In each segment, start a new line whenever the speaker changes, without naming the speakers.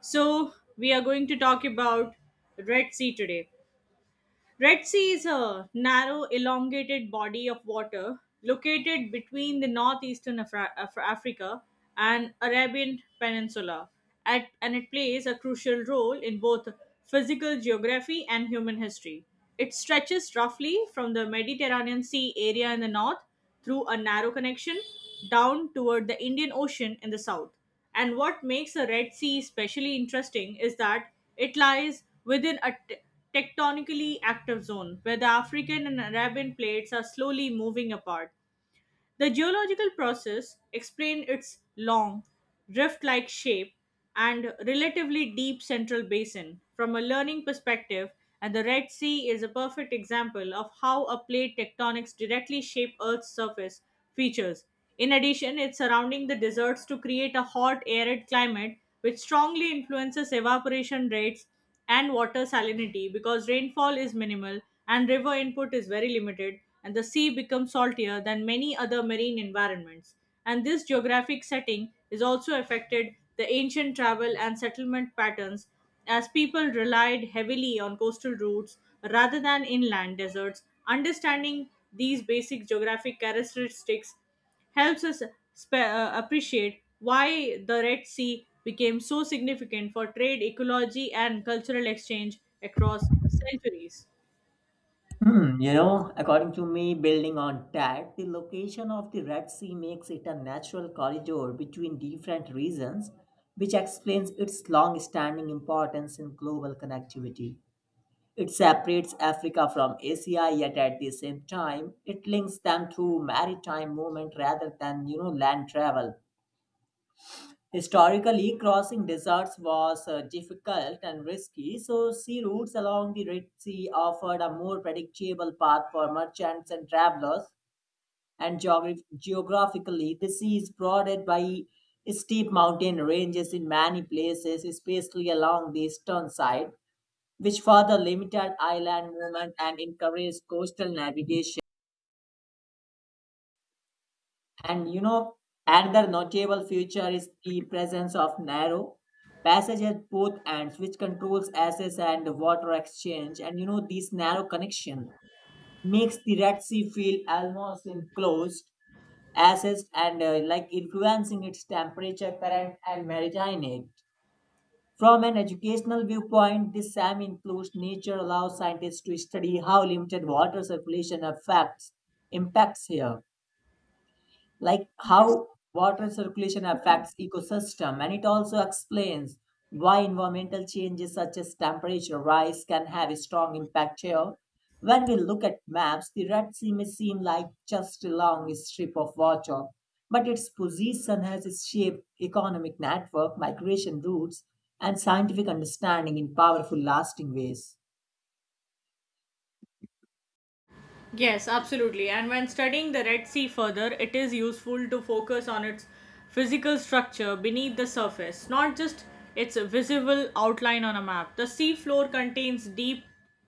So, we are going to talk about Red Sea today. Red Sea is a narrow, elongated body of water located between the northeastern Africa and Arabian Peninsula, and it plays a crucial role in both physical geography and human history. It stretches roughly from the Mediterranean Sea area in the north through a narrow connection down toward the Indian Ocean in the south. And what makes the Red Sea especially interesting is that it lies within a tectonically active zone where the African and Arabian plates are slowly moving apart. The geological process explained its long, rift like shape and relatively deep central basin. From a learning perspective, and the Red Sea is a perfect example of how a plate tectonics directly shape Earth's surface features. In addition, it's surrounding the deserts to create a hot, arid climate, which strongly influences evaporation rates and water salinity because rainfall is minimal and river input is very limited and the sea becomes saltier than many other marine environments and this geographic setting is also affected the ancient travel and settlement patterns as people relied heavily on coastal routes rather than inland deserts understanding these basic geographic characteristics helps us appreciate why the Red Sea became so significant for trade, ecology, and cultural exchange across centuries.
According to me, building on that, the location of the Red Sea makes it a natural corridor between different regions, which explains its long standing importance in global connectivity. It separates Africa from Asia, yet at the same time, it links them through maritime movement rather than land travel. Historically, crossing deserts was difficult and risky, so sea routes along the Red Sea offered a more predictable path for merchants and travelers. And geographically, the sea is broadened by steep mountain ranges in many places, especially along the eastern side, which further limited island movement and encouraged coastal navigation. And another notable feature is the presence of narrow passage at both ends, which controls access and water exchange. And this narrow connection makes the Red Sea feel almost enclosed, accessed, and like influencing its temperature, current, and maritime aid. From an educational viewpoint, this semi-enclosed nature allows scientists to study how limited water circulation affects impacts here, like
Yes.
how water circulation affects ecosystem. And it also explains why environmental changes such as temperature rise can have a strong impact here. When we look at maps, the Red Sea may seem like just a long strip of water, but its position has shaped economic network migration routes and scientific understanding in powerful lasting ways.
Yes, absolutely. And when studying the Red Sea further, it is useful to focus on its physical structure beneath the surface, not just its visible outline on a map. The sea floor contains deep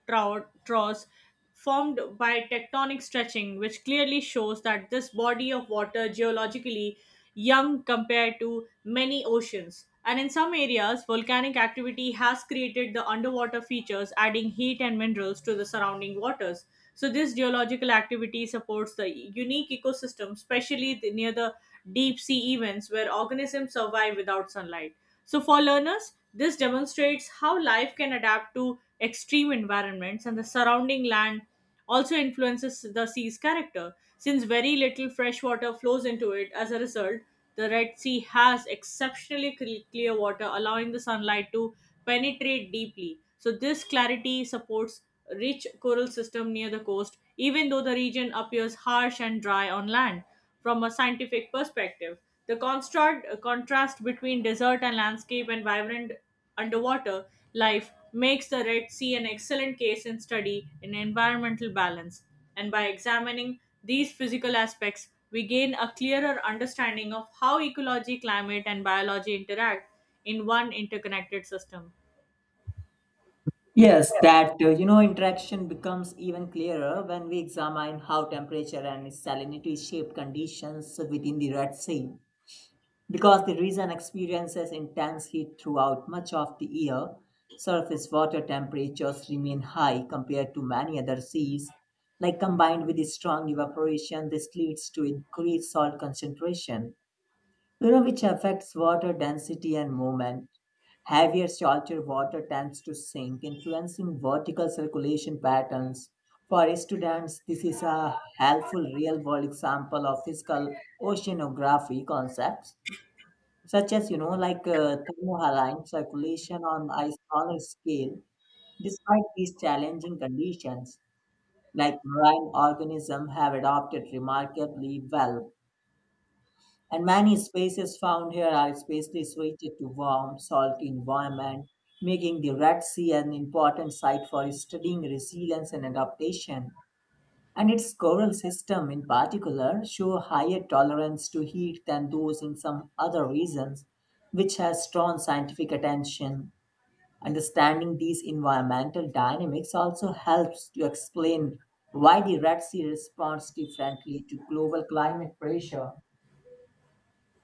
troughs formed by tectonic stretching, which clearly shows that this body of water geologically young compared to many oceans. And in some areas, volcanic activity has created the underwater features, adding heat and minerals to the surrounding waters. So, this geological activity supports the unique ecosystem, especially near the deep sea events where organisms survive without sunlight. So, for learners, this demonstrates how life can adapt to extreme environments and the surrounding land also influences the sea's character. Since very little fresh water flows into it, as a result, the Red Sea has exceptionally clear water, allowing the sunlight to penetrate deeply. So, this clarity supports rich coral system near the coast, even though the region appears harsh and dry on land from a scientific perspective. The contrast between desert and landscape and vibrant underwater life makes the Red Sea an excellent case in study in environmental balance. And by examining these physical aspects, we gain a clearer understanding of how ecology, climate, and biology interact in one interconnected system.
Yes, that interaction becomes even clearer when we examine how temperature and salinity shape conditions within the Red Sea, because the region experiences intense heat throughout much of the year. Surface water temperatures remain high compared to many other seas. Like combined with the strong evaporation, this leads to increased salt concentration which affects water density and movement. Heavier saltwater water tends to sink, influencing vertical circulation patterns. For students, this is a helpful real world example of physical oceanography concepts, such as, like thermohaline circulation on a smaller scale. Despite these challenging conditions, like marine organisms have adapted remarkably well, and many species found here are especially suited to warm, salty environment, making the Red Sea an important site for studying resilience and adaptation. And its coral system in particular show higher tolerance to heat than those in some other regions, which has drawn scientific attention. Understanding these environmental dynamics also helps to explain why the Red Sea responds differently to global climate pressure.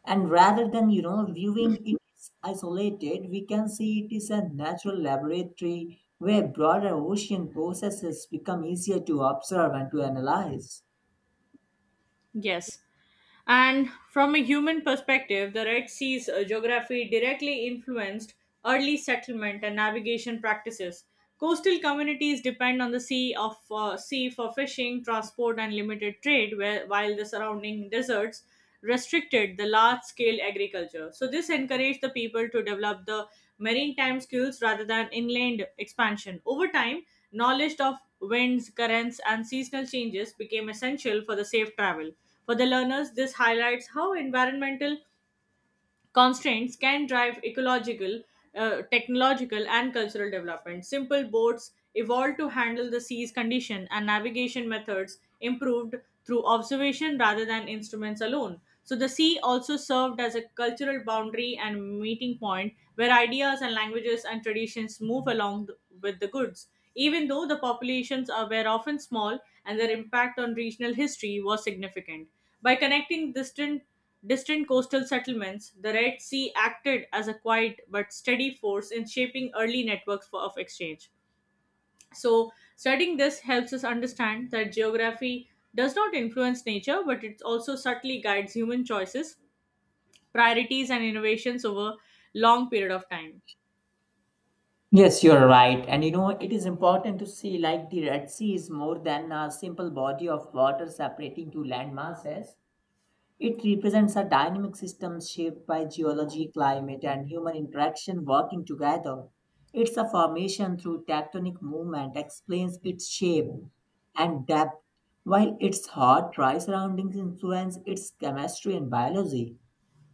And rather than, viewing it is isolated, we can see it is a natural laboratory where broader ocean processes become easier to observe and to analyze.
Yes, and from a human perspective, the Red Sea's geography directly influenced early settlement and navigation practices. Coastal communities depend on the sea for fishing, transport, and limited trade, where, while the surrounding deserts restricted the large-scale agriculture. So this encouraged the people to develop the maritime skills rather than inland expansion. Over time, knowledge of winds, currents, and seasonal changes became essential for the safe travel. For the learners, this highlights how environmental constraints can drive ecological, technological, and cultural development. Simple boats evolved to handle the sea's condition, and navigation methods improved through observation rather than instruments alone. So the sea also served as a cultural boundary and meeting point where ideas and languages and traditions move along with the goods. Even though were often small and their impact on regional history was significant. By connecting distant coastal settlements, the Red Sea acted as a quiet but steady force in shaping early networks of exchange. So, studying this helps us understand that geography does not influence nature, but it also subtly guides human choices, priorities, and innovations over long period of time.
Yes, you're right. And it is important to see like the Red Sea is more than a simple body of water separating two land masses. It represents a dynamic system shaped by geology, climate, and human interaction working together. Its a formation through tectonic movement explains its shape and depth, while its hot, dry surroundings influence its chemistry and biology.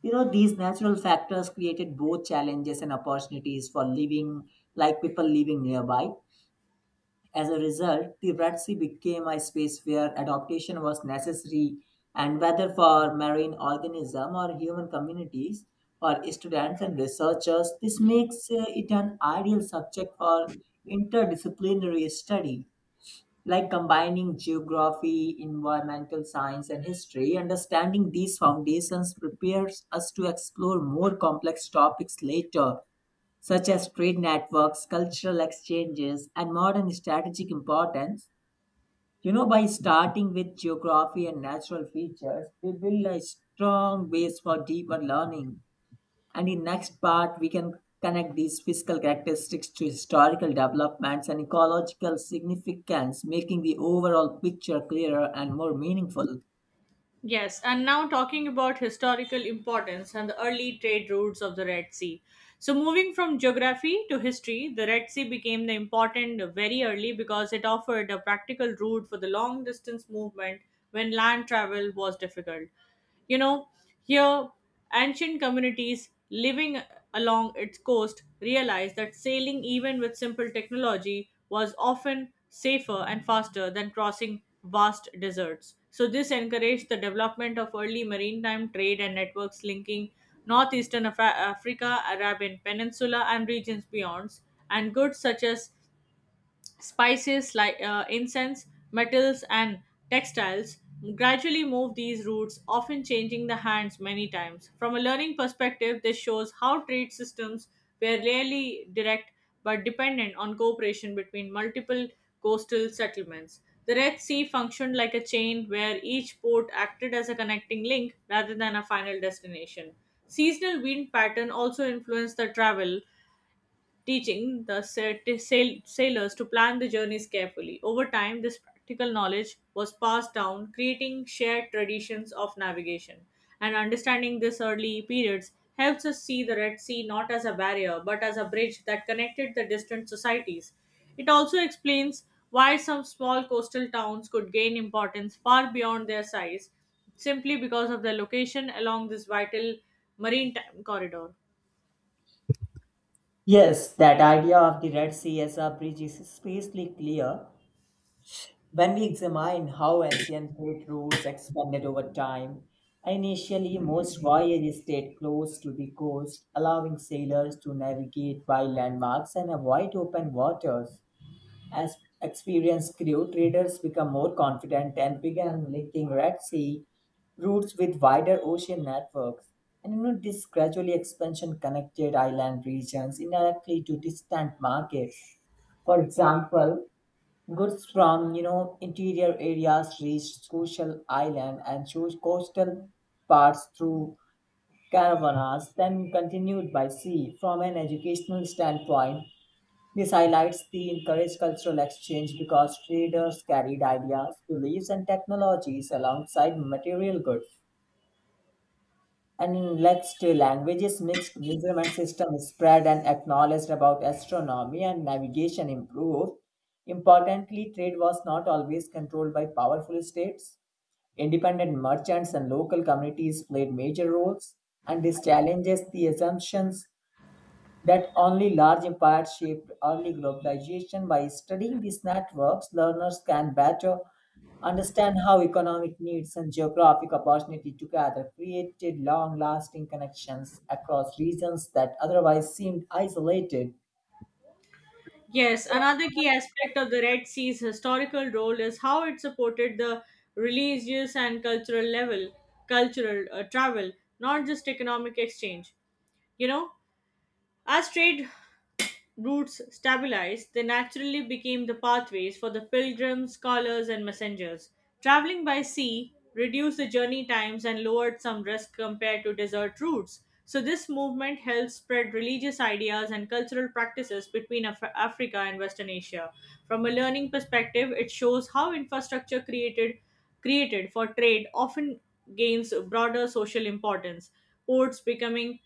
You know, these natural factors created both challenges and opportunities for living, like people living nearby. As a result, the Red Sea became a space where adaptation was necessary, and whether for marine organism or human communities, for students and researchers, this makes it an ideal subject for interdisciplinary study, like combining geography, environmental science, and history. Understanding these foundations prepares us to explore more complex topics later such as trade networks, cultural exchanges, and modern strategic importance. You know, by starting with geography and natural features, we build a strong base for deeper learning. And in next part, we can connect these physical characteristics to historical developments and ecological significance, making the overall picture clearer and more meaningful.
Yes, and now talking about historical importance and the early trade routes of the Red Sea. So, moving from geography to history, the Red Sea became the important very early because it offered a practical route for the long distance movement when land travel was difficult. You know, here, ancient communities living along its coast realized that sailing, even with simple technology, was often safer and faster than crossing vast deserts. So, this encouraged the development of early maritime trade and networks linking northeastern Africa, Arabian Peninsula, and regions beyond, and goods such as spices like incense, metals, and textiles gradually moved these routes, often changing the hands many times. From a learning perspective, this shows how trade systems were rarely direct but dependent on cooperation between multiple coastal settlements. The Red Sea functioned like a chain where each port acted as a connecting link rather than a final destination. Seasonal wind pattern also influenced the travel teaching the sailors to plan the journeys carefully. Over time, this practical knowledge was passed down, creating shared traditions of navigation. And understanding this early periods helps us see the Red Sea not as a barrier but as a bridge that connected the distant societies. It also explains why some small coastal towns could gain importance far beyond their size simply because of their location along this vital maritime corridor.
Yes, that idea of the Red Sea as a bridge is especially clear when we examine how ancient trade routes expanded over time. Initially most voyages stayed close to the coast, allowing sailors to navigate by landmarks and avoid open waters. As experienced crew, traders become more confident and began linking Red Sea routes with wider ocean networks. And this gradually expansion connected island regions indirectly to distant markets. For example, goods from interior areas reached Social Island and chose coastal parts through caravanas, then continued by sea. From an educational standpoint, this highlights the encouraged cultural exchange because traders carried ideas, beliefs, and technologies alongside material goods. And next, languages mixed measurement system spread and acknowledged about astronomy and navigation improved. Importantly, trade was not always controlled by powerful states. Independent merchants and local communities played major roles, and this challenges the assumptions that only large empires shaped early globalization. By studying these networks, learners can better understand how economic needs and geographic opportunity together created long lasting connections across regions that otherwise seemed isolated.
Yes, another key aspect of the Red Sea's historical role is how it supported the religious and cultural level, cultural travel, not just economic exchange. You know, as trade routes stabilized, they naturally became the pathways for the pilgrims, scholars, and messengers. Traveling by sea reduced the journey times and lowered some risk compared to desert routes. So, this movement helped spread religious ideas and cultural practices between Africa and Western Asia. From a learning perspective, it shows how infrastructure created for trade often gains broader social importance ports becoming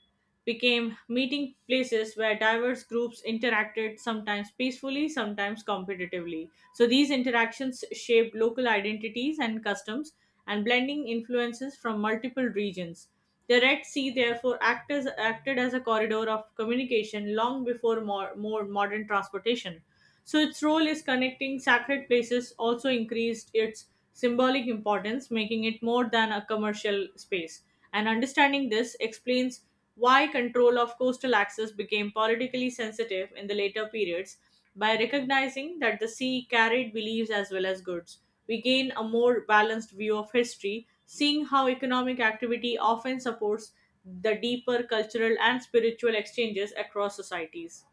became meeting places where diverse groups interacted, sometimes peacefully, sometimes competitively. So these interactions shaped local identities and customs and blending influences from multiple regions. The Red Sea therefore acted as a corridor of communication long before more modern transportation. So its role is connecting sacred places also increased its symbolic importance, making it more than a commercial space and understanding this explains why control of coastal access became politically sensitive in the later periods. By recognizing that the sea carried beliefs as well as goods, we gain a more balanced view of history, seeing how economic activity often supports the deeper cultural and spiritual exchanges across societies.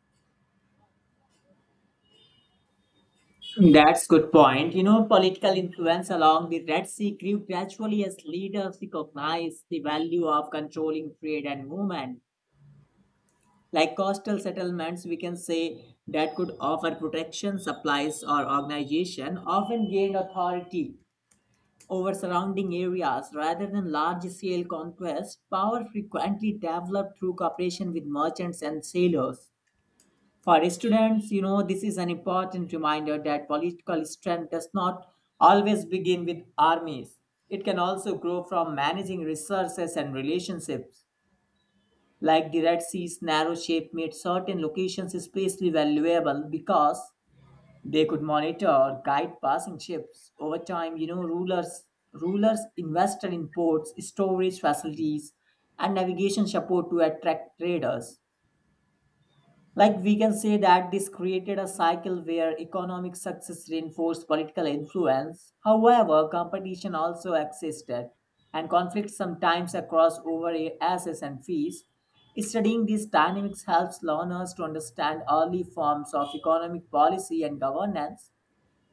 That's good point. You know, political influence along the Red Sea grew gradually as leaders recognized the value of controlling trade and movement. Like coastal settlements, we can say that could offer protection, supplies, or organization, often gained authority over surrounding areas rather than large scale conquest. Power frequently developed through cooperation with merchants and sailors. For students, this is an important reminder that political strength does not always begin with armies. It can also grow from managing resources and relationships. Like the Red Sea's narrow shape made certain locations especially valuable because they could monitor or guide passing ships. Over time, rulers invested in ports, storage facilities, and navigation support to attract traders. Like we can say that this created a cycle where economic success reinforced political influence. However, competition also existed and conflicts sometimes across over assets and fees. Studying these dynamics helps learners to understand early forms of economic policy and governance.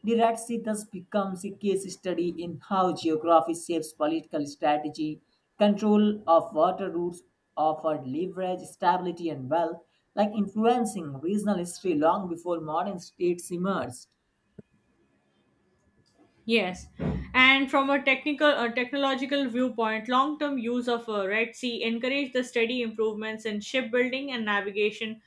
The Red Sea thus becomes a case study in how geography shapes political strategy. Control of water routes offered leverage, stability, and wealth, like influencing regional history long before modern states emerged.
Yes, and from a technological viewpoint, long-term use of a Red Sea encouraged the steady improvements in shipbuilding and navigation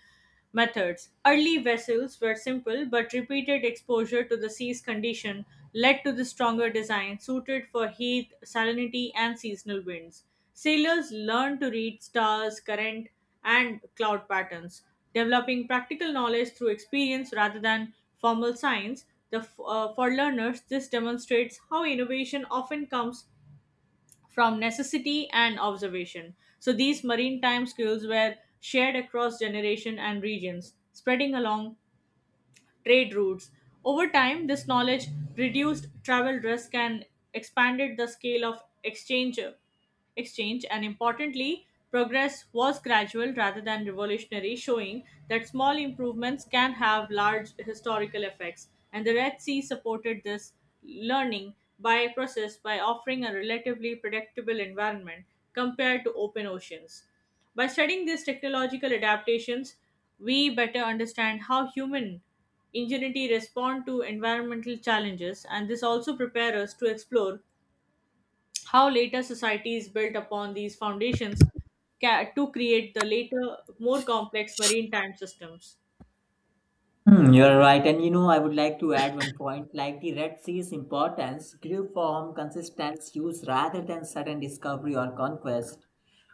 methods. Early vessels were simple, but repeated exposure to the sea's condition led to the stronger design suited for heat, salinity, and seasonal winds. Sailors learned to read stars, current, and cloud patterns. Developing practical knowledge through experience rather than formal science, for learners, this demonstrates how innovation often comes from necessity and observation. So, these maritime skills were shared across generation and regions, spreading along trade routes. Over time, this knowledge reduced travel risk and expanded the scale of exchange and importantly progress was gradual rather than revolutionary showing that small improvements can have large historical effects and the red sea supported this learning by process by offering a relatively predictable environment compared to open oceans by studying these technological adaptations we better understand how human ingenuity respond to environmental challenges and this also prepares us to explore how later societies built upon these foundations to create the later more complex marine time systems.
Hmm, you're right. And I would like to add one point like the Red Sea's importance grew from consistent use rather than sudden discovery or conquest.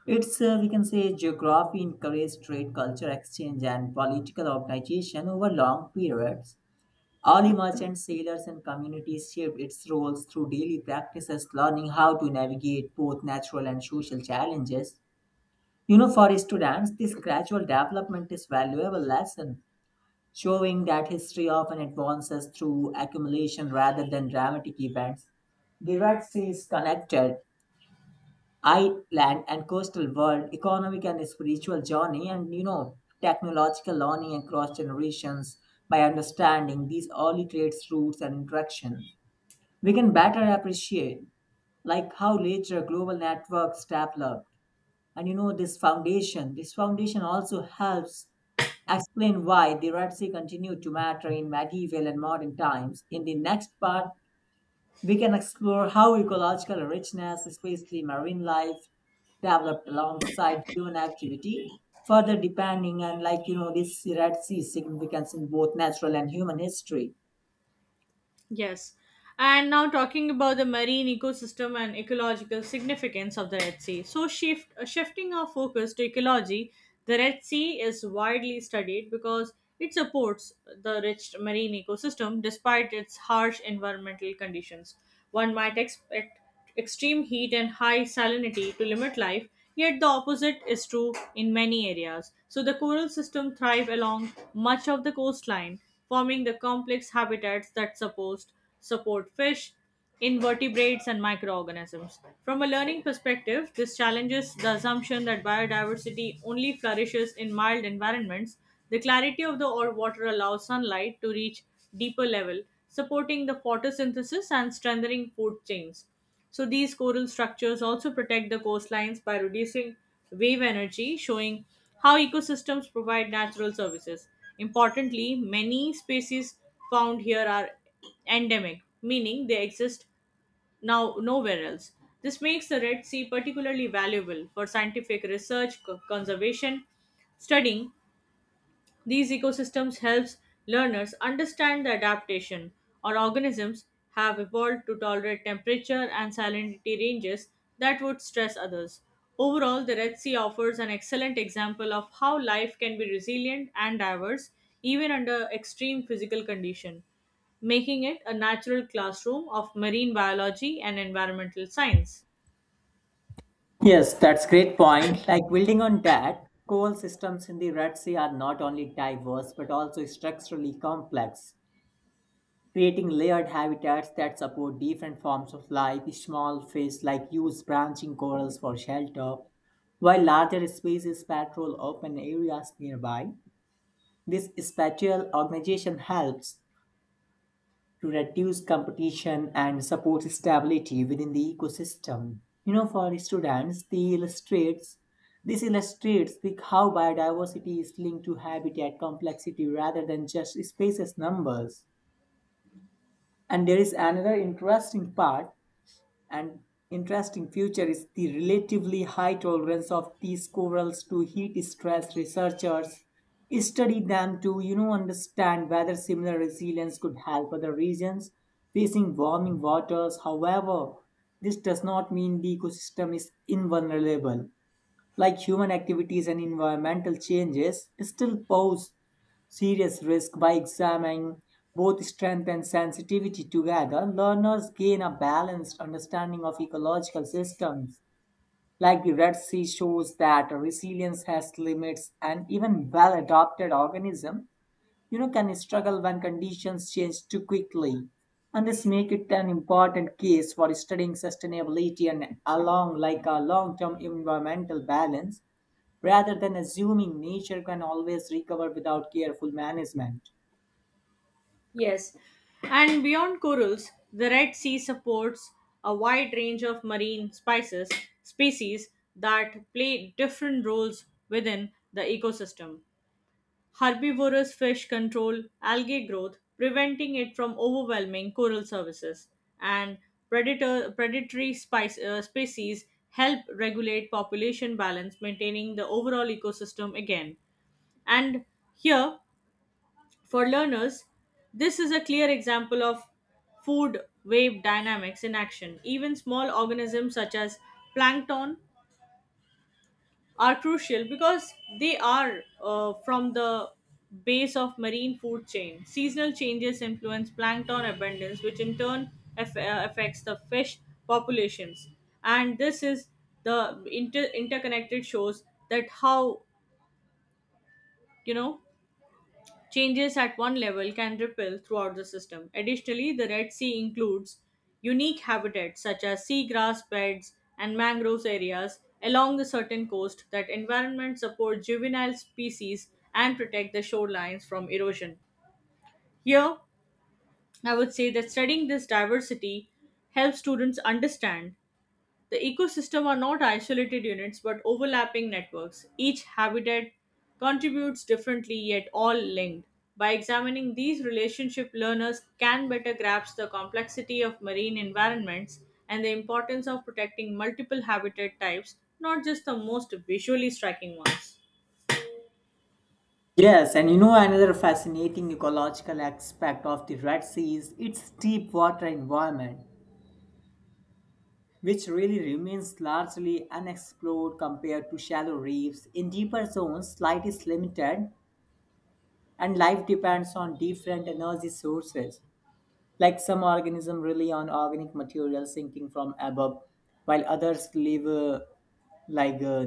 Its, we can say, geography encouraged trade, culture exchange, and political organization over long periods. Early merchants, sailors, and communities shaped its roles through daily practices, learning how to navigate both natural and social challenges. For students, this gradual development is valuable lesson, showing that history often advances through accumulation rather than dramatic events. The Red Sea is connected island and coastal world, economic and spiritual journey, and technological learning across generations by understanding these early trades, routes, and interactions. We can better appreciate like how later global networks developed. And this foundation also helps explain why the Red Sea continued to matter in medieval and modern times. In the next part, we can explore how ecological richness, especially marine life, developed alongside human activity, further depending on like this Red Sea significance in both natural and human history.
Yes. And now talking about the marine ecosystem and ecological significance of the Red Sea. So shifting our focus to ecology, the Red Sea is widely studied because it supports the rich marine ecosystem despite its harsh environmental conditions. One might expect extreme heat and high salinity to limit life, yet the opposite is true in many areas. So the coral system thrive along much of the coastline, forming the complex habitats that support fish, invertebrates and microorganisms. From a learning perspective, this challenges the assumption that biodiversity only flourishes in mild environments. The clarity of the or water allows sunlight to reach deeper level, supporting the photosynthesis and strengthening food chains. So these coral structures also protect the coastlines by reducing wave energy, showing how ecosystems provide natural services. Importantly, many species found here are endemic, meaning they exist nowhere else. This makes the Red Sea particularly valuable for scientific research, conservation, studying these ecosystems helps learners understand the adaptation or organisms have evolved to tolerate temperature and salinity ranges that would stress others. Overall, the Red Sea offers an excellent example of how life can be resilient and diverse even under extreme physical condition, making it a natural classroom of marine biology and environmental science.
Yes, that's great point. Like building on that, coal systems in the Red Sea are not only diverse but also structurally complex, creating layered habitats that support different forms of life. Small fish like use branching corals for shelter, while larger species patrol open areas nearby. This spatial organization helps to reduce competition and supports stability within the ecosystem. You know, for students, the illustrates this illustrates how biodiversity is linked to habitat complexity rather than just species numbers. And there is another interesting part And interesting feature is the relatively high tolerance of these corals to heat stress. Researchers study them to understand whether similar resilience could help other regions facing warming waters. However, this does not mean the ecosystem is invulnerable, like human activities and environmental changes still pose serious risk. By examining both strength and sensitivity together, learners gain a balanced understanding of ecological systems. Like the Red Sea shows that resilience has limits, and even well adapted organisms, can struggle when conditions change too quickly. And this make it an important case for studying sustainability and along like a long-term environmental balance, rather than assuming nature can always recover without careful management.
Yes, and beyond corals, the Red Sea supports a wide range of marine spices species that play different roles within the ecosystem. Herbivorous fish control algae growth, preventing it from overwhelming coral surfaces, and species help regulate population balance, maintaining the overall ecosystem again. And here, for learners, this is a clear example of food wave dynamics in action. Even small organisms such as plankton are crucial because they are from the base of marine food chain. Seasonal changes influence plankton abundance, which in turn affects the fish populations. And this is the interconnected shows that how you know changes at one level can ripple throughout the system. Additionally, the Red Sea includes unique habitats such as seagrass beds and mangrove areas along the certain coast that environment support juvenile species and protect the shorelines from erosion. Here, I would say that studying this diversity helps students understand the ecosystem are not isolated units but overlapping networks. Each habitat contributes differently yet all linked. By examining these relationships, learners can better grasp the complexity of marine environments and the importance of protecting multiple habitat types, not just the most visually striking ones.
Yes, and another fascinating ecological aspect of the Red Sea is its deep water environment, which really remains largely unexplored compared to shallow reefs. In deeper zones, light is limited and life depends on different energy sources. Like some organisms rely on organic material sinking from above, while others live like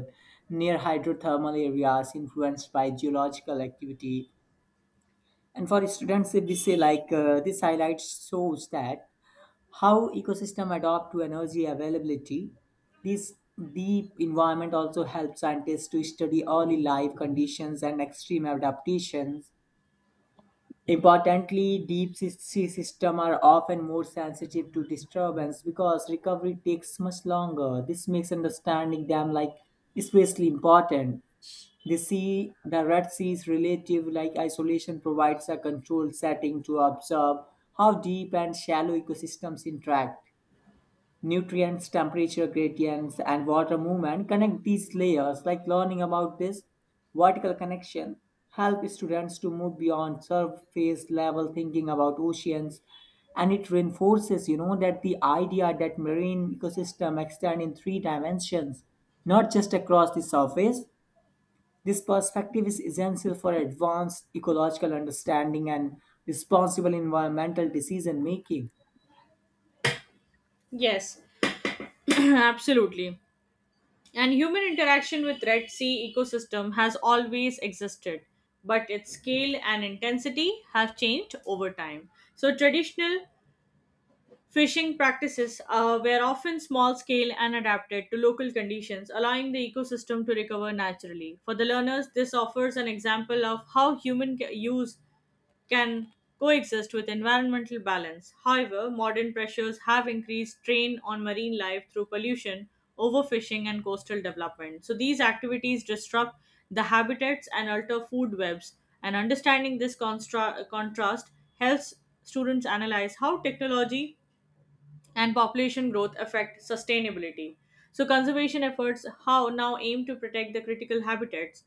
near hydrothermal areas influenced by geological activity. And for students, if we say like this highlight shows that how ecosystem adapt to energy availability. This deep environment also helps scientists to study early life conditions and extreme adaptations. Importantly, deep sea systems are often more sensitive to disturbance because recovery takes much longer. This makes understanding them like especially important. The Red Sea's relative like isolation provides a controlled setting to observe how deep and shallow ecosystems interact. Nutrients, temperature gradients, and water movement connect these layers. Like learning about this vertical connection help students to move beyond surface level thinking about oceans, and it reinforces that the idea that marine ecosystem extend in three dimensions, not just across the surface. This perspective is essential for advanced ecological understanding and responsible environmental decision making.
Yes, absolutely. And human interaction with Red Sea ecosystem has always existed, but its scale and intensity have changed over time. So traditional fishing practices were often small scale and adapted to local conditions, allowing the ecosystem to recover naturally. For the learners, this offers an example of how human ca- use can coexist with environmental balance. However, modern pressures have increased strain on marine life through pollution, overfishing, and coastal development. So, these activities disrupt the habitats and alter food webs. And understanding this contrast helps students analyze how technology and population growth affect sustainability. So, conservation efforts how now aim to protect the critical habitats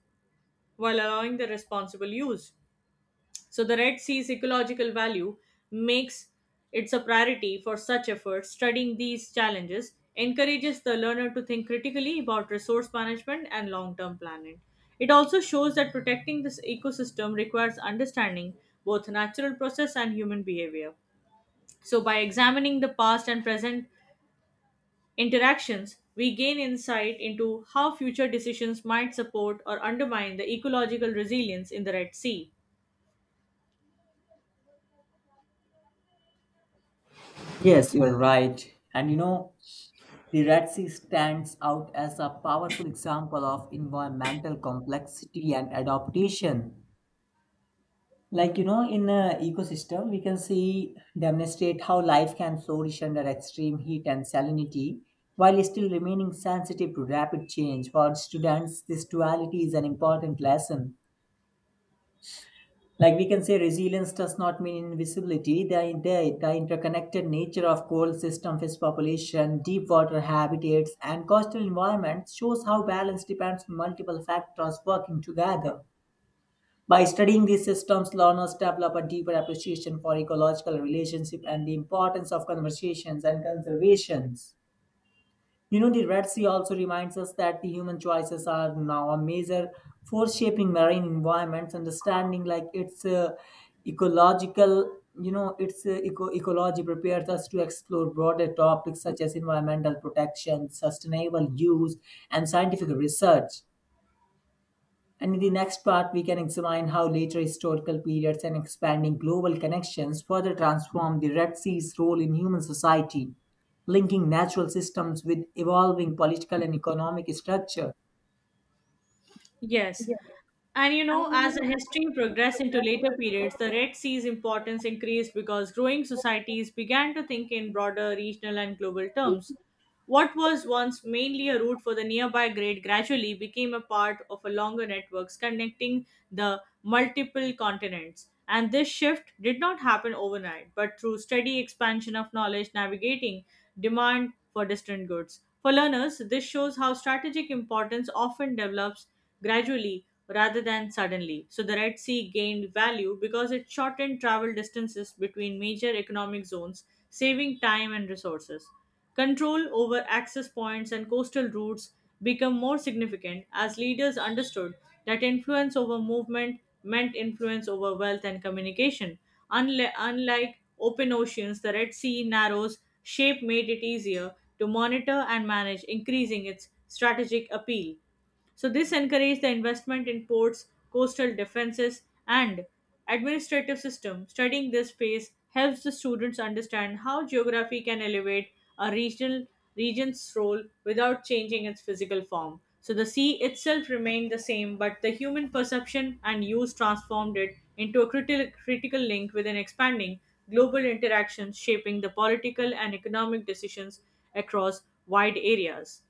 while allowing the responsible use. So the Red Sea's ecological value makes it a priority for such efforts. Studying these challenges encourages the learner to think critically about resource management and long term planning. It also shows that protecting this ecosystem requires understanding both natural process and human behavior. So, by examining the past and present interactions, we gain insight into how future decisions might support or undermine the ecological resilience in the Red Sea.
Yes, you're right. And the Red Sea stands out as a powerful example of environmental complexity and adaptation. Like, you know, in an ecosystem, we can see demonstrate how life can flourish under extreme heat and salinity while still remaining sensitive to rapid change. For students, this duality is an important lesson. Like we can say, resilience does not mean invisibility. The interconnected nature of coral system, fish population, deep water habitats, and coastal environments shows how balance depends on multiple factors working together. By studying these systems, learners develop a deeper appreciation for ecological relationship and the importance of conversations and conservations. You know, the Red Sea also reminds us that the human choices are now a major force shaping marine environments. Understanding like its ecological, its ecology prepares us to explore broader topics such as environmental protection, sustainable use, and scientific research. And in the next part, we can examine how later historical periods and expanding global connections further transformed the Red Sea's role in human society, linking natural systems with evolving political and economic structure.
Yes. And you know, as the history progressed into later periods, the Red Sea's importance increased because growing societies began to think in broader regional and global terms. What was once mainly a route for the nearby great gradually became a part of a longer networks connecting the multiple continents. And this shift did not happen overnight, but through steady expansion of knowledge navigating demand for distant goods. For learners, this shows how strategic importance often develops gradually rather than suddenly. So the Red Sea gained value because it shortened travel distances between major economic zones, saving time and resources. Control over access points and coastal routes became more significant as leaders understood that influence over movement meant influence over wealth and communication. Unlike open oceans, the Red Sea narrows shape made it easier to monitor and manage, increasing its strategic appeal. So, this encouraged the investment in ports, coastal defenses, and administrative system. Studying this phase helps the students understand how geography can elevate a regional region's role without changing its physical form. So the sea itself remained the same, but the human perception and use transformed it into a critical link with an expanding global interactions shaping the political and economic decisions across wide areas.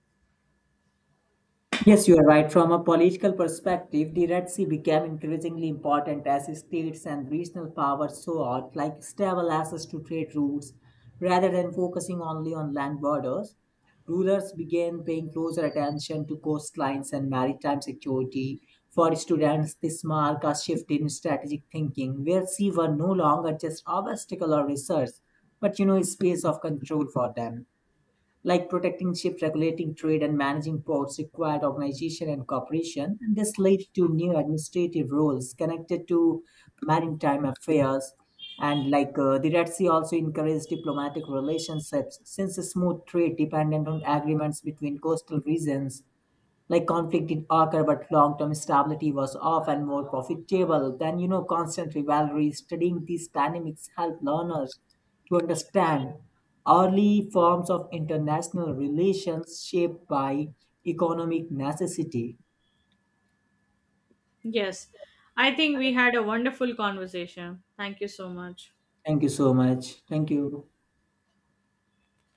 Yes, you are right. From a political perspective, the Red Sea became increasingly important as states and regional powers sought like stable access to trade routes rather than focusing only on land borders. Rulers began paying closer attention to coastlines and maritime security. For students, this marked a shift in strategic thinking where sea were no longer just obstacle or resource, but a space of control for them, like protecting ships, regulating trade, and managing ports required organization and cooperation. And this led to new administrative roles connected to maritime affairs. And like the Red Sea also encouraged diplomatic relationships since a smooth trade dependent on agreements between coastal regions. Like conflict did occur but long-term stability was often more profitable than constant rivalry. Studying these dynamics help learners to understand early forms of international relations shaped by economic necessity.
Yes, I think we had a wonderful conversation. Thank you so much.
Thank you so much. Thank you.